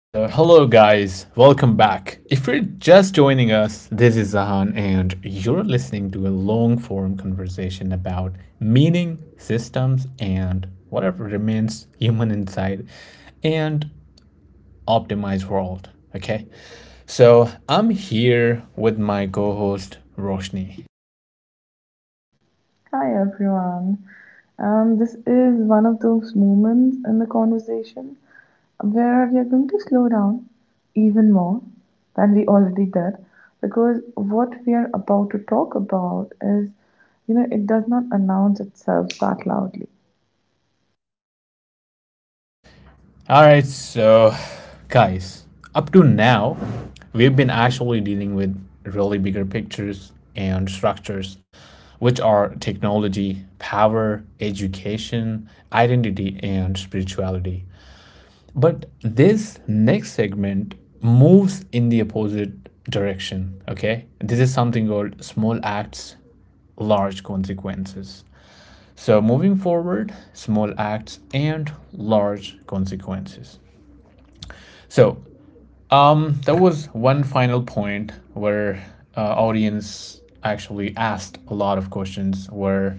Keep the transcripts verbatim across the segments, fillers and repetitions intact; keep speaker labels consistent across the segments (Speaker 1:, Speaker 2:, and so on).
Speaker 1: So, hello guys, welcome back. If you're just joining us, this is Zahan, and you're listening to a long form conversation about meaning, systems, and whatever remains human inside and optimized world. Okay, so I'm here with my co host Roshni.
Speaker 2: Hi everyone. Um, this is one of those moments in the conversation where we are going to slow down even more than we already did, because what we are about to talk about is, you know, it does not announce itself that loudly.
Speaker 1: All right, so guys, up to now, we've been actually dealing with really bigger pictures and structures, which are technology, power, education, identity, and spirituality. But this next segment moves in the opposite direction, okay? This is something called small acts, large consequences. So, moving forward, small acts and large consequences. So, Um, there was one final point where uh, audience actually asked a lot of questions where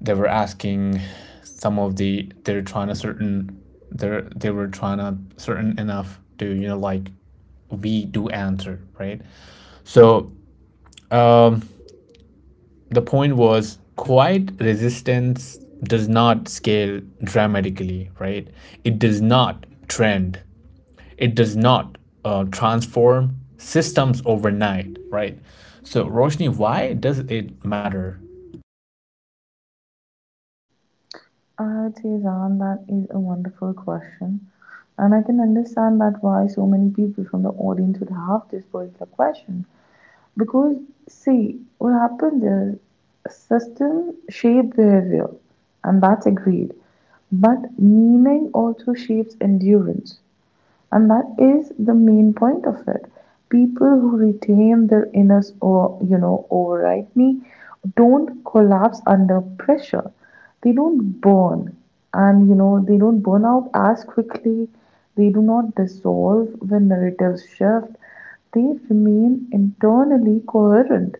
Speaker 1: they were asking some of the they're trying to certain they're they were trying to certain enough to you know like we do answer, right? So um the point was quiet resistance does not scale dramatically, right? It does not trend. It does not uh, transform systems overnight, right? So, Roshni, why does it matter?
Speaker 2: I'd say, Zan, that is a wonderful question. And I can understand that why so many people from the audience would have this particular question. Because, see, what happens is a system shape behavior, and that's agreed. But meaning also shapes endurance, and that is the main point of it. People who retain their inner or you know overridney don't collapse under pressure. They don't burn, and you know they don't burn out as quickly. They do not dissolve when narratives shift. They remain internally coherent,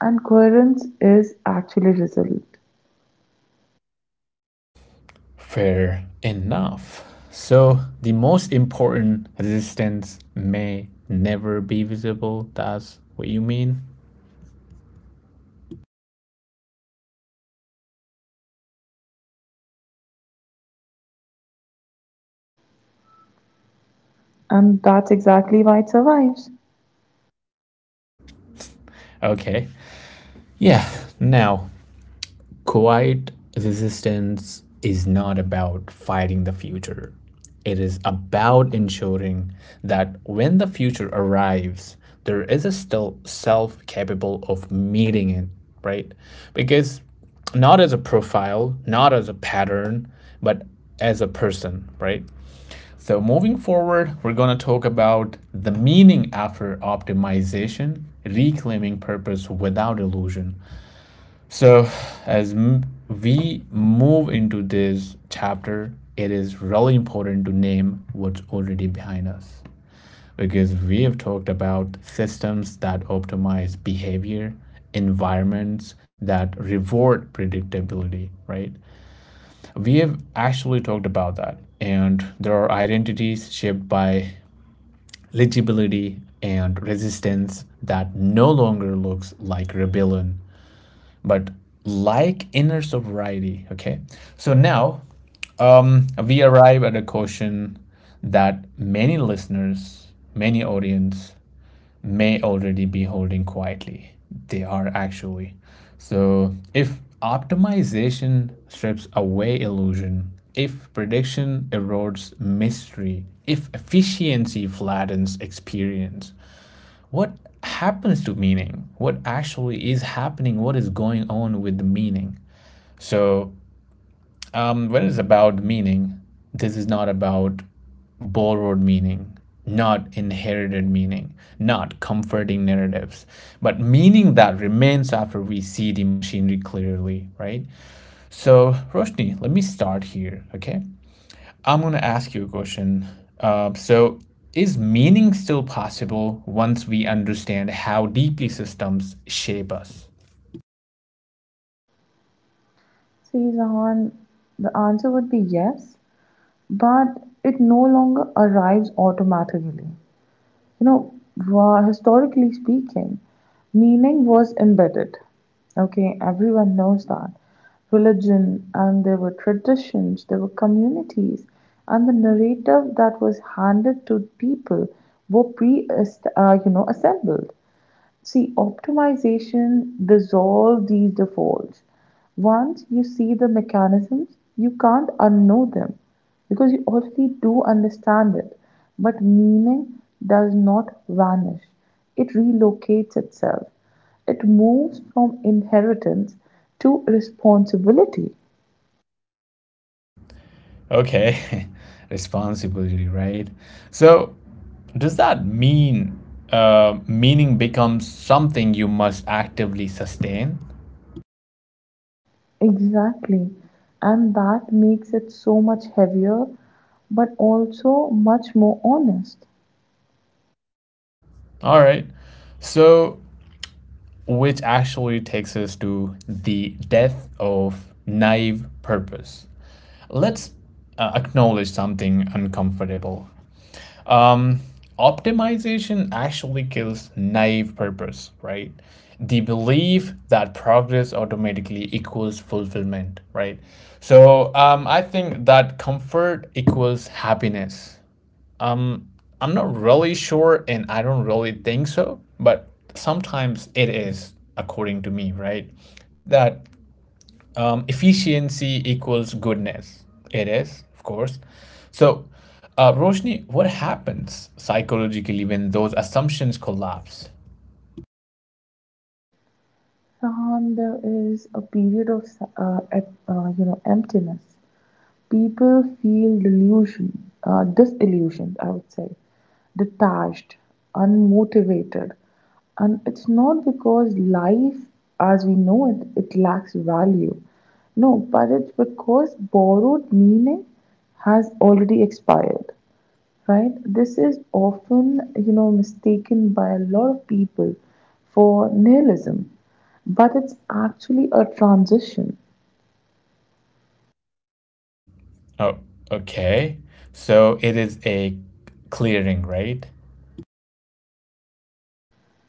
Speaker 2: and coherence is actually resilient.
Speaker 1: Fair enough. So, the most important resistance may never be visible. That's what you mean?
Speaker 2: And that's exactly why it survives.
Speaker 1: Okay. Yeah. Now, quiet resistance is not about fighting the future. It is about ensuring that when the future arrives, there is a still self capable of meeting it, right? Because not as a profile, not as a pattern, but as a person, right? So, moving forward, we're going to talk about the meaning after optimization, reclaiming purpose without illusion. So, as m- we move into this chapter, it is really important to name what's already behind us because we have talked about systems that optimize behavior, environments that reward predictability, right? We have actually talked about that. And there are identities shaped by legibility and resistance that no longer looks like rebellion but like inner sobriety. Okay, so now, um, we arrive at a question that many listeners, many audience may already be holding quietly. They are actually. So if optimization strips away illusion, if prediction erodes mystery, if efficiency flattens experience, what happens to meaning? What actually is happening? What is going on with the meaning? So, um, when it's about meaning, this is not about borrowed meaning, not inherited meaning, not comforting narratives, but meaning that remains after we see the machinery clearly, right? So, Roshni, let me start here, okay? I'm going to ask you a question. Uh, so, is meaning still possible once we understand how deeply systems shape us?
Speaker 2: See, Zahan, the answer would be yes, but it no longer arrives automatically. You know, wha- historically speaking, meaning was embedded. Okay, everyone knows that. Religion, and there were traditions, there were communities, and the narrative that was handed to people were pre, uh, you know, assembled. See, optimization dissolves these defaults. Once you see the mechanisms, you can't unknow them because you already do understand it. But meaning does not vanish, it relocates itself. It moves from inheritance to responsibility.
Speaker 1: Okay, responsibility, right? So, does that mean, uh, meaning becomes something you must actively sustain?
Speaker 2: Exactly. And that makes it so much heavier, but also much more honest.
Speaker 1: All right. So, which actually takes us to the death of naive purpose. Let's uh, acknowledge something uncomfortable. Um, Optimization actually kills naive purpose, right? The belief that progress automatically equals fulfillment, right? So um, I think that comfort equals happiness. Um, I'm not really sure, and I don't really think so, but sometimes it is, according to me, right? That um, efficiency equals goodness. It is, of course. So, uh, Roshni, what happens psychologically when those assumptions collapse?
Speaker 2: Sam, there is a period of uh, ep- uh, you know, emptiness. People feel delusion, uh, disillusioned, I would say, detached, unmotivated. And it's not because life as we know it it lacks value. No, but it's because borrowed meaning has already expired, right? This is often, you know, mistaken by a lot of people for nihilism, but it's actually a transition.
Speaker 1: Oh, okay. So it is a clearing, right?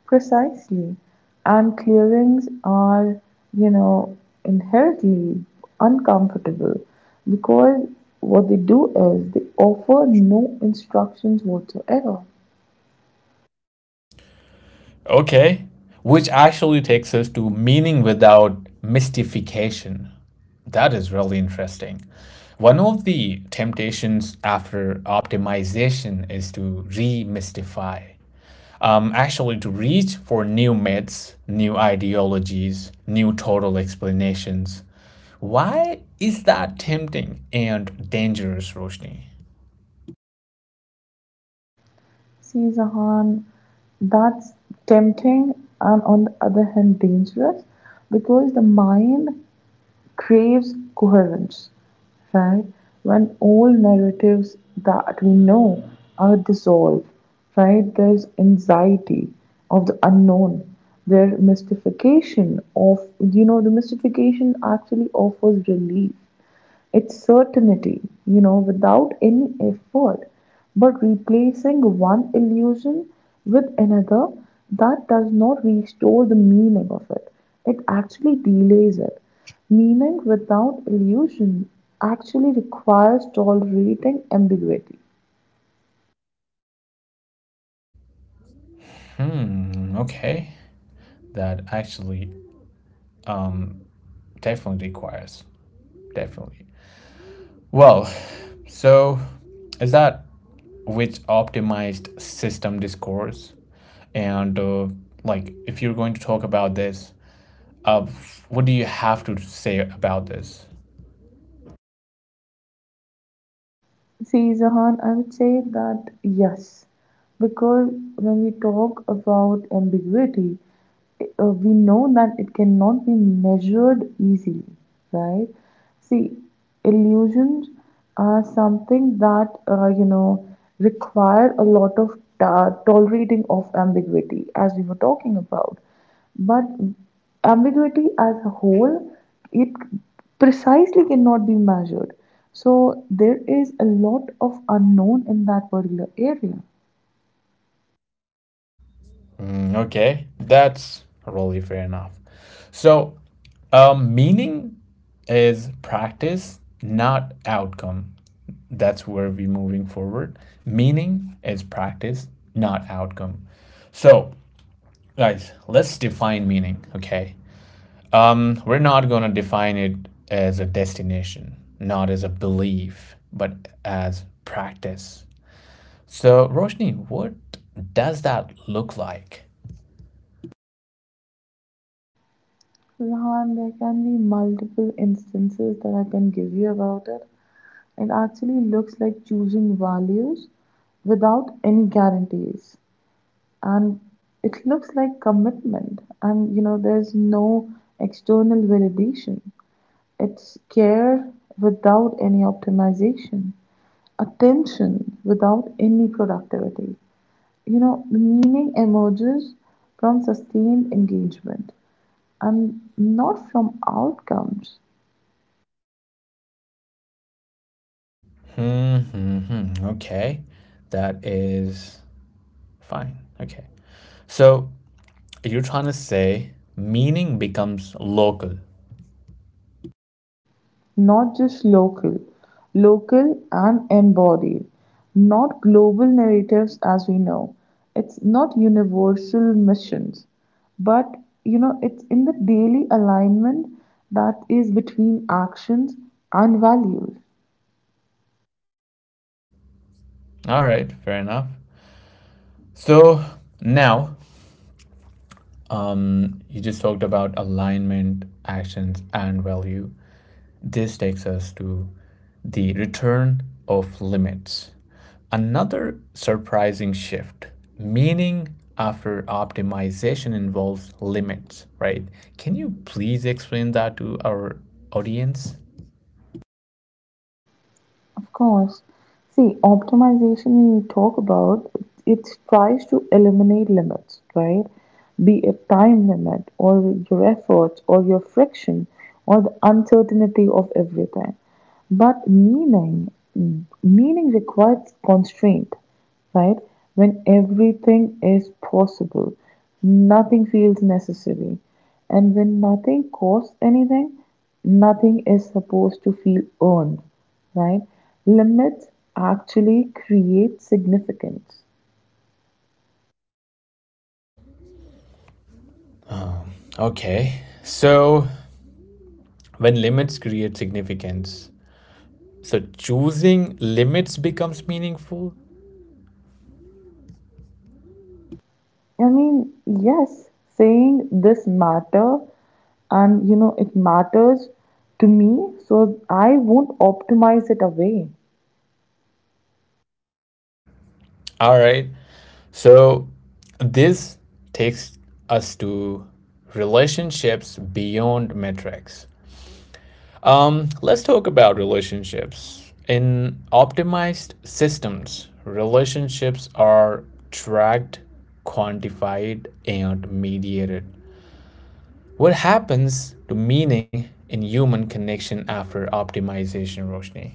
Speaker 2: Precisely. And clearings are, you know, inherently uncomfortable because what they do is they offer no instructions whatsoever.
Speaker 1: Okay. Which actually takes us to meaning without mystification. That is really interesting. One of the temptations after optimization is to demystify, um, actually to reach for new myths, new ideologies, new total explanations. Why is that tempting and dangerous, Roshni?
Speaker 2: See, Zahan, that's tempting and on the other hand dangerous because the mind craves coherence, right? When all narratives that we know are dissolved, right? There's anxiety of the unknown, their mystification of, you know, the mystification actually offers relief. It's certainty, you know, without any effort. But replacing one illusion with another, that does not restore the meaning of it. It actually delays it. Meaning without illusion actually requires tolerating ambiguity.
Speaker 1: Hmm, okay. That actually, um, definitely requires. Definitely. Well, so is that which optimized system discourse? And uh, like, if you're going to talk about this, uh, what do you have to say about this?
Speaker 2: See, Zahan, I would say that yes, because when we talk about ambiguity, uh, we know that it cannot be measured easily, right? See, illusions are something that, uh, you know, require a lot of ta- tolerating of ambiguity, as we were talking about. But ambiguity as a whole, it precisely cannot be measured. So there is a lot of unknown in that particular area.
Speaker 1: Mm, okay, that's really fair enough. So, um, meaning is practice, not outcome. That's where we're moving forward. Meaning is practice, not outcome. So, guys, let's define meaning, okay? Um, we're not going to define it as a destination, not as a belief, but as practice. So, Roshni, what does that look like?
Speaker 2: Rahan, there can be multiple instances that I can give you about it. It actually looks like choosing values without any guarantees. And it looks like commitment. And you know, there's no external validation. It's care without any optimization, attention without any productivity. You know, the meaning emerges from sustained engagement and not from outcomes.
Speaker 1: Mm-hmm. Hmm. Okay. That is fine. Okay. So you're trying to say meaning becomes local.
Speaker 2: Not just local, local and embodied, not global narratives as we know. It's not universal missions, but you know, it's in the daily alignment that is between actions and values.
Speaker 1: All right. Fair enough. So now, Um, you just talked about alignment, actions, and value. This takes us to the return of limits. Another surprising shift. Meaning after optimization involves limits, right? Can you please explain that to our audience?
Speaker 2: Of course. See, optimization when we talk about, it tries to eliminate limits, right? Be it time limit or your efforts or your friction or the uncertainty of everything. But meaning, meaning requires constraint, right? When everything is possible, nothing feels necessary. And when nothing costs anything, nothing is supposed to feel earned, right? Limits actually create significance.
Speaker 1: Okay. So, when limits create significance, so choosing limits becomes meaningful.
Speaker 2: I mean, yes, saying this matter and you know it matters to me, so I won't optimize it away.
Speaker 1: All right. So this takes us to relationships beyond metrics. Um, let's talk about relationships. In optimized systems, relationships are tracked, quantified, and mediated. What happens to meaning in human connection after optimization, Roshni?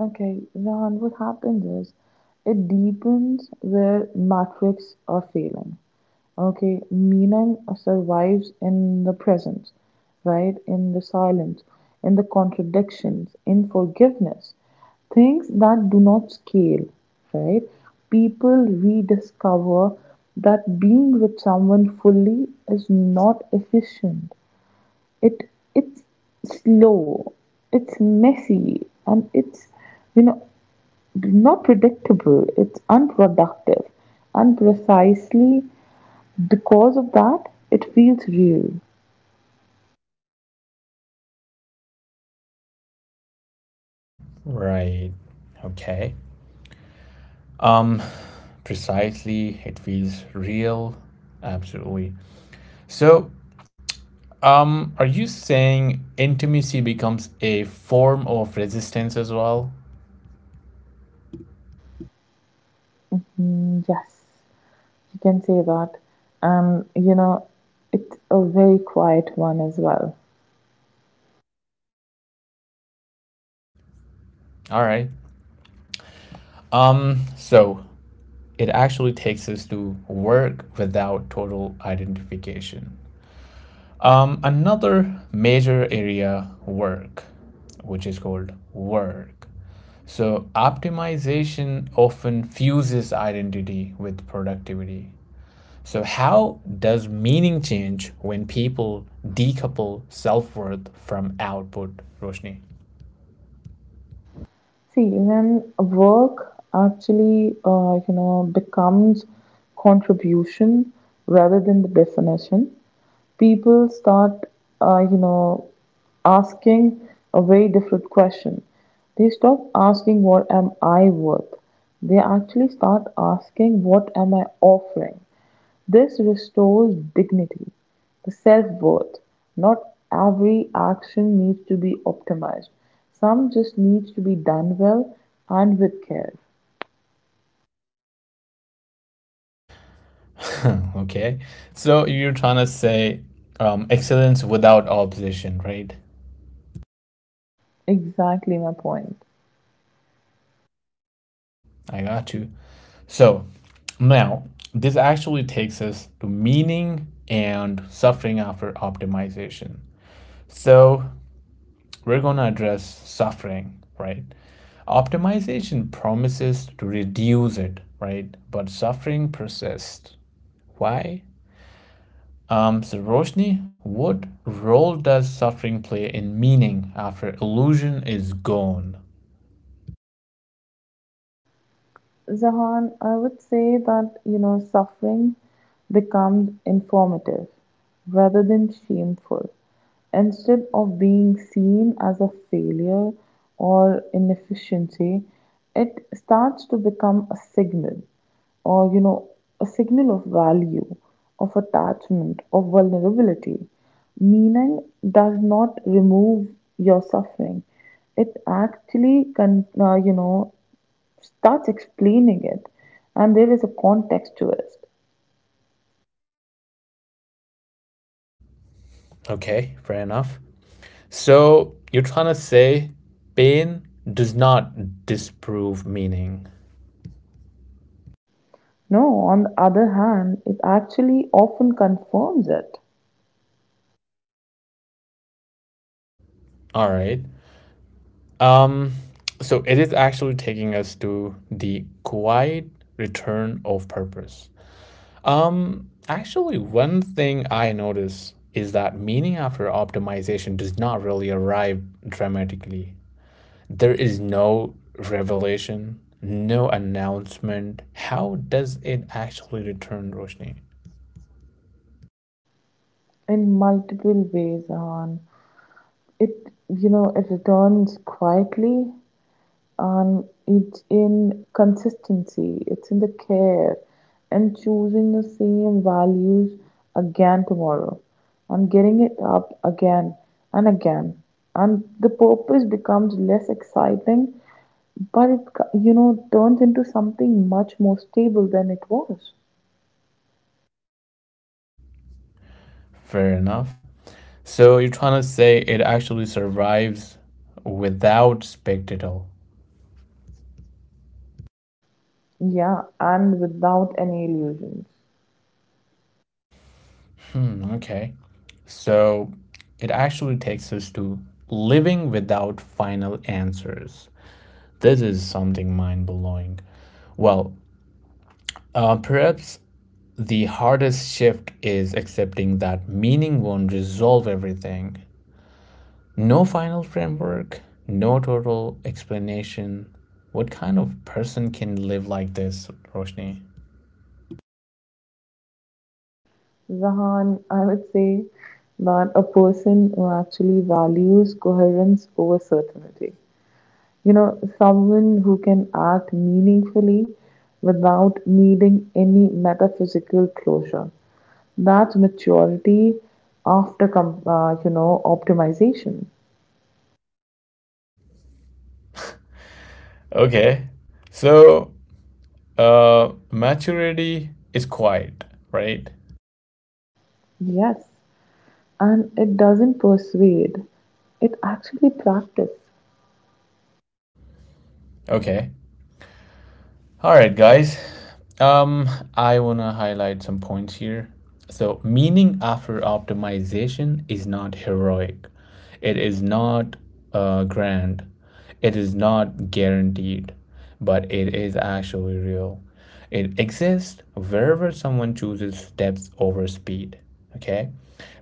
Speaker 2: Okay, Rahan, what happens is it deepens where matrix are failing. Okay, meaning survives in the presence, right? In the silence, in the contradictions, in forgiveness. Things that do not scale, right? People rediscover that being with someone fully is not efficient. It it's slow, it's messy, and it's you know not predictable, it's unproductive, and precisely because of that, it feels real.
Speaker 1: Right. Okay. Um, Precisely. It feels real. Absolutely. So, um, are you saying intimacy becomes a form of resistance as well?
Speaker 2: Mm, yes, you can say that. Um, you know, it's a very quiet one as well.
Speaker 1: All right. Um, so it actually takes us to work without total identification. Um, another major area, work, which is called work. So optimization often fuses identity with productivity. So, how does meaning change when people decouple self worth from output, Roshni?
Speaker 2: See, when work actually, uh, you know, becomes contribution rather than the definition, people start, uh, you know, asking a very different question. They stop asking, "What am I worth?" They actually start asking, "What am I offering?" This restores dignity, the self worth. Not every action needs to be optimized, some just needs to be done well and with care.
Speaker 1: Okay, so you're trying to say, um, excellence without opposition, right?
Speaker 2: Exactly my point.
Speaker 1: I got you. So, now this actually takes us to meaning and suffering after optimization. So, we're going to address suffering, right? Optimization promises to reduce it, right? But suffering persists. Why? Um, so, Roshni, what role does suffering play in meaning after illusion is gone?
Speaker 2: Jahan, I would say that, you know, suffering becomes informative rather than shameful. Instead of being seen as a failure or inefficiency, it starts to become a signal or, you know, a signal of value, of attachment, of vulnerability. Meaning does not remove your suffering. It actually, con- uh, you know, starts explaining it and there is a context to it.
Speaker 1: Okay, fair enough. So, you're trying to say pain does not disprove meaning.
Speaker 2: No, on the other hand, it actually often confirms it
Speaker 1: All right. Um, so it is actually taking us to the quiet return of purpose. Um, actually, one thing I notice is that meaning after optimization does not really arrive dramatically. There is no revelation, no announcement. How does it actually return, Roshni?
Speaker 2: in multiple ways. And it, you know, it returns quietly, and it's in consistency, it's in the care and choosing the same values again tomorrow and getting it up again and again. And the purpose becomes less exciting. But it, co- you know, turns into something much more stable than it was.
Speaker 1: Fair enough. So you're trying to say it actually survives without spectacle.
Speaker 2: Yeah, and without any illusions.
Speaker 1: Mm. Okay. So it actually takes us to living without final answers. This is something mind blowing. Well, uh, perhaps the hardest shift is accepting that meaning won't resolve everything. No final framework, no total explanation. What kind of person can live like this, Roshni?
Speaker 2: Zahan, I would say that a person who actually values coherence over certainty. You know, someone who can act meaningfully without needing any metaphysical closure. That's maturity after, com- uh, you know, optimization.
Speaker 1: Okay. So, uh, maturity is quiet, right?
Speaker 2: Yes. And it doesn't persuade, it actually practice.
Speaker 1: Okay. All right, guys. Um, I want to highlight some points here. So, meaning after optimization is not heroic, it is not uh, grand, it is not guaranteed, but it is actually real. It exists wherever someone chooses depth over speed, okay?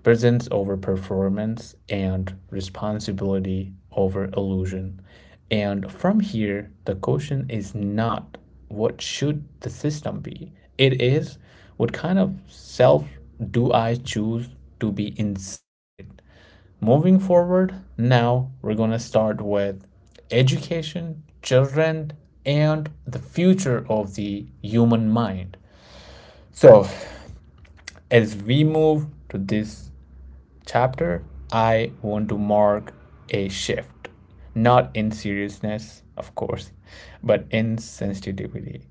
Speaker 1: Presence over performance and responsibility over illusion. And from here, the question is not what should the system be? It is what kind of self do I choose to be inside it? Moving forward, now we're going to start with education, children, and the future of the human mind. So, as we move to this chapter, I want to mark a shift, not in seriousness, of course, but in sensitivity.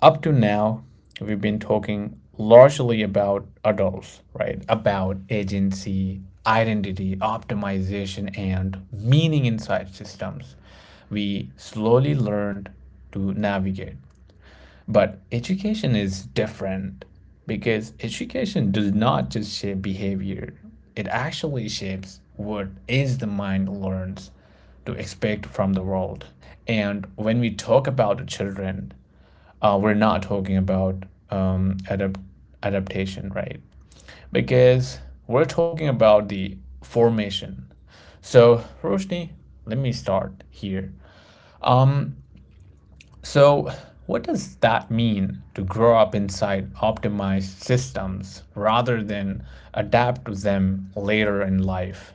Speaker 1: Up to now, we've been talking largely about adults, right? About agency, identity, optimization, and meaning inside systems. We slowly learned to navigate. But education is different because education does not just shape behavior, it actually shapes what is the mind learns to expect from the world. And when we talk about the children, uh, we're not talking about, um, adapt- adaptation, right? Because we're talking about the formation. So, Roshni, let me start here. So, what does that mean to grow up inside optimized systems rather than adapt to them later in life?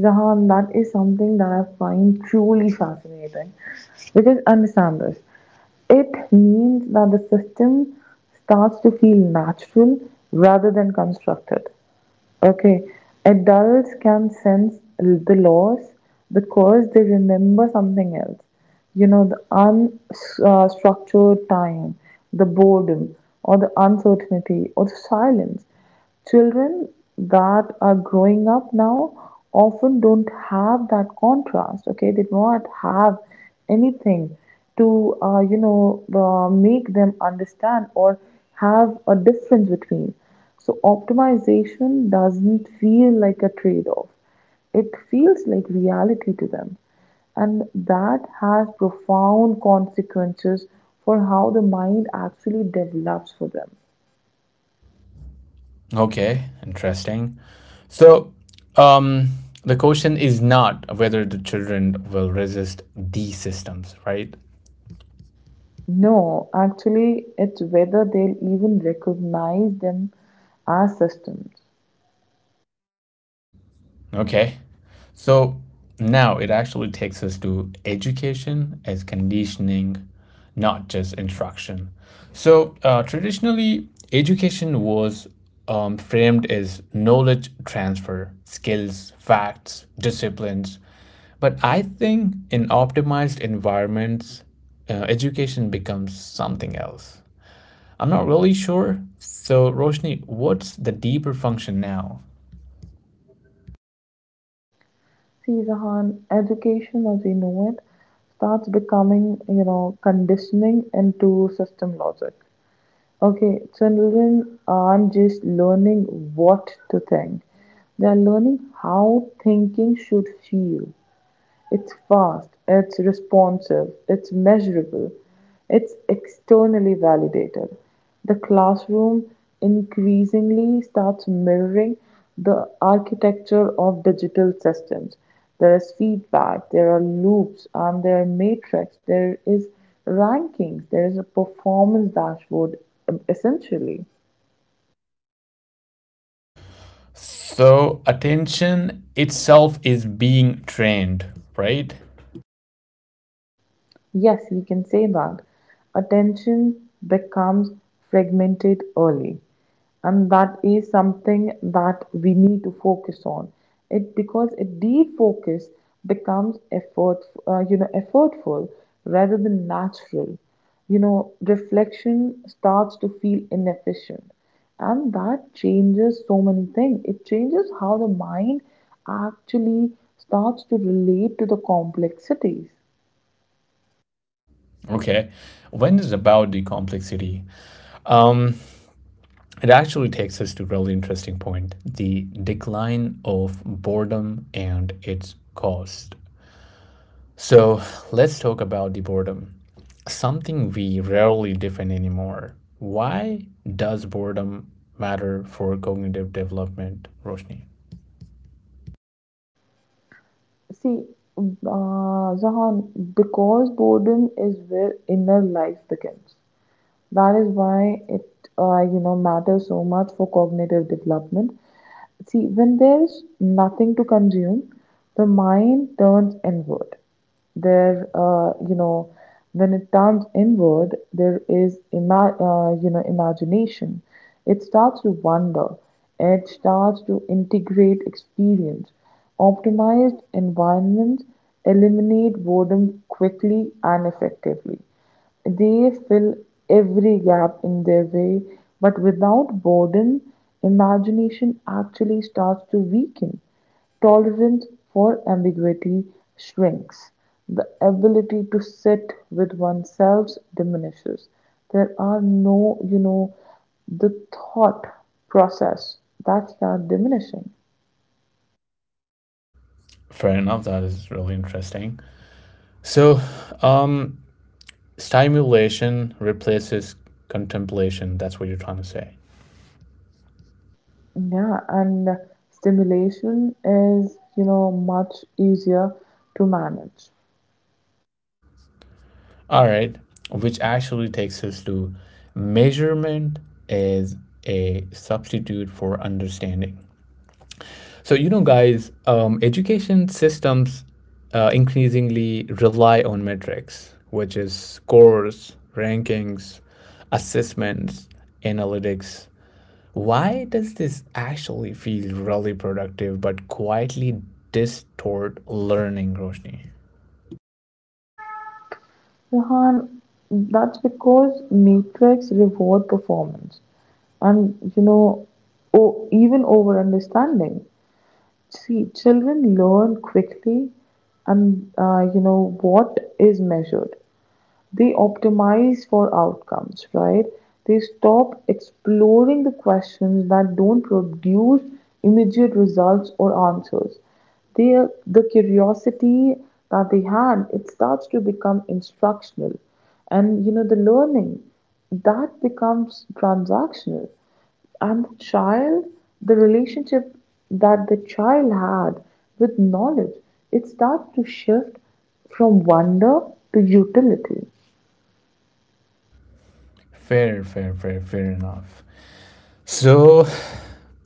Speaker 2: Jahan, that is something that I find truly fascinating because understand this, it means that the system starts to feel natural rather than constructed. Okay. Adults can sense the loss because they remember something else. You know, the unstructured time, the boredom, or the uncertainty, or the silence. Children that are growing up now often don't have that contrast, okay? They do not have anything to uh, you know uh, make them understand or have a difference between. So optimization doesn't feel like a trade-off, it feels like reality to them, and that has profound consequences for how the mind actually develops for them.
Speaker 1: Okay, interesting. So, um, the question is not whether the children will resist these systems, right?
Speaker 2: No, actually it's whether they'll even recognize them as systems.
Speaker 1: Okay. So now it actually takes us to education as conditioning, not just instruction. So uh, traditionally, education was, um, framed as knowledge transfer, skills, facts, disciplines. But I think in optimized environments, uh, education becomes something else. I'm not really sure. So, Roshni, what's the deeper function now?
Speaker 2: Sirhan, education as we know it starts becoming, you know, conditioning into system logic. Okay, children aren't just learning what to think, they are learning how thinking should feel. It's fast, it's responsive, it's measurable, it's externally validated. The classroom increasingly starts mirroring the architecture of digital systems. There is feedback, there are loops, and there are matrix, there is rankings, there is a performance dashboard, um, essentially.
Speaker 1: So attention itself is being trained, right?
Speaker 2: Yes, you can say that. Attention becomes fragmented early, and that is something that we need to focus on. It because a defocus becomes effort, uh, you know, effortful rather than natural. You know, reflection starts to feel inefficient, and that changes so many things. It changes how the mind actually starts to relate to the complexities.
Speaker 1: Okay. When is about the complexity? Um, it actually takes us to a really interesting point: the decline of boredom and its cost. So let's talk about the boredom, something we rarely define anymore. Why does boredom matter for cognitive development, Roshni?
Speaker 2: See, uh, Zahan, because boredom is where inner life begins. That is why it, uh, you know, matters so much for cognitive development. See, when there's nothing to consume, the mind turns inward. There, uh, you know, when it turns inward, there is, ima- uh, you know, imagination. It starts to wonder. It starts to integrate experience. Optimized environments eliminate boredom quickly and effectively. They fill every gap in their way, but without boredom, imagination actually starts to weaken. Tolerance for ambiguity shrinks. The ability to sit with oneself diminishes. There are no, you know, the thought process that start diminishing.
Speaker 1: Fair enough. That is really interesting. So, um, stimulation replaces contemplation. That's what you're trying to say.
Speaker 2: Yeah, and stimulation is, you know, much easier to manage.
Speaker 1: All right. Which actually takes us to measurement is a substitute for understanding. So, you know, guys, um, education systems uh, increasingly rely on metrics, which is scores, rankings, assessments, analytics. Why does this actually feel really productive but quietly distort learning, Roshni?
Speaker 2: Rehan, that's because Matrix reward performance and you know o- even over understanding. See, children learn quickly and uh, you know what is measured, they optimize for outcomes, right? They stop exploring the questions that don't produce immediate results or answers. They, the curiosity that they had, it starts to become instructional. And you know, the learning that becomes transactional. And the child, the relationship that the child had with knowledge, it starts to shift from wonder to utility.
Speaker 1: Fair, fair, fair, fair enough. So,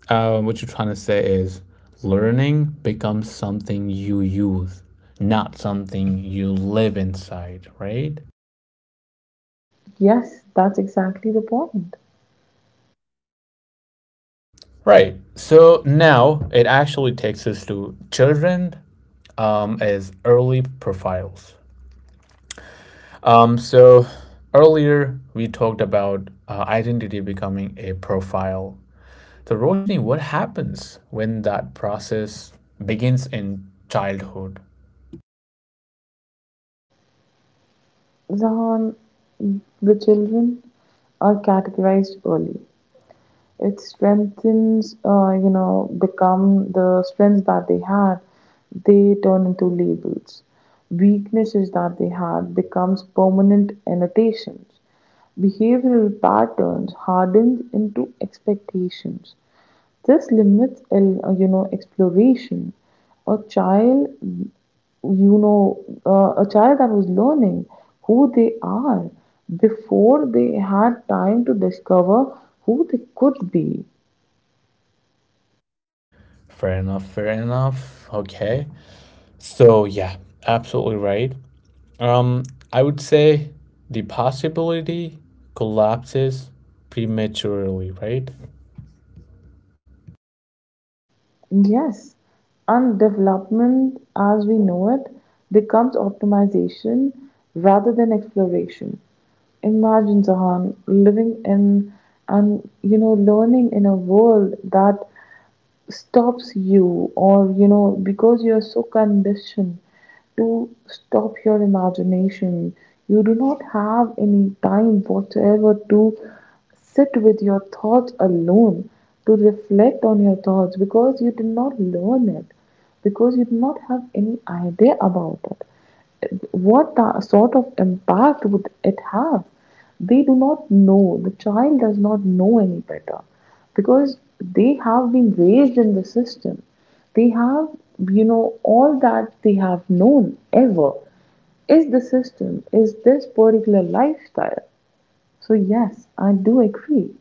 Speaker 1: uh, what you're trying to say is learning becomes something you use, not something you live inside, right?
Speaker 2: Yes, that's exactly the point.
Speaker 1: Right. So now it actually takes us to children um, as early profiles. Um, so earlier we talked about uh, identity becoming a profile. So, Roshni, what happens when that process begins in childhood?
Speaker 2: Zahan, the children are categorized early. It strengthens, uh, you know, become the strengths that they had, they turn into labels. Weaknesses that they had becomes permanent annotations. Behavioral patterns hardened into expectations. This limits, el- uh, you know, exploration. A child you know, uh, a child that was learning who they are before they had time to discover who they could be.
Speaker 1: Fair enough, fair enough. Okay. So, yeah, absolutely right. Um, I would say the possibility collapses prematurely, right?
Speaker 2: Yes, and development as we know it becomes optimization rather than exploration. Imagine, Zahan, living in and you know learning in a world that stops you or you know because you're so conditioned to stop your imagination, you do not have any time whatsoever to sit with your thoughts alone, to reflect on your thoughts because you did not learn it, because you do not have any idea about it. What sort of impact would it have? They do not know. The child does not know any better because they have been raised in the system. They have, you know, all that they have known ever is the system, is this particular lifestyle. So, yes, I do agree.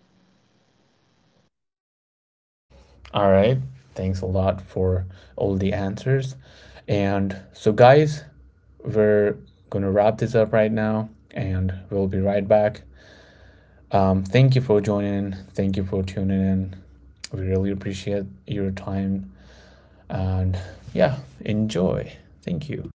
Speaker 1: All right. Thanks a lot for all the answers. And so, guys, we're going to wrap this up right now and we'll be right back. Um, thank you for joining in. Thank you for tuning in. We really appreciate your time. And yeah, enjoy. Thank you.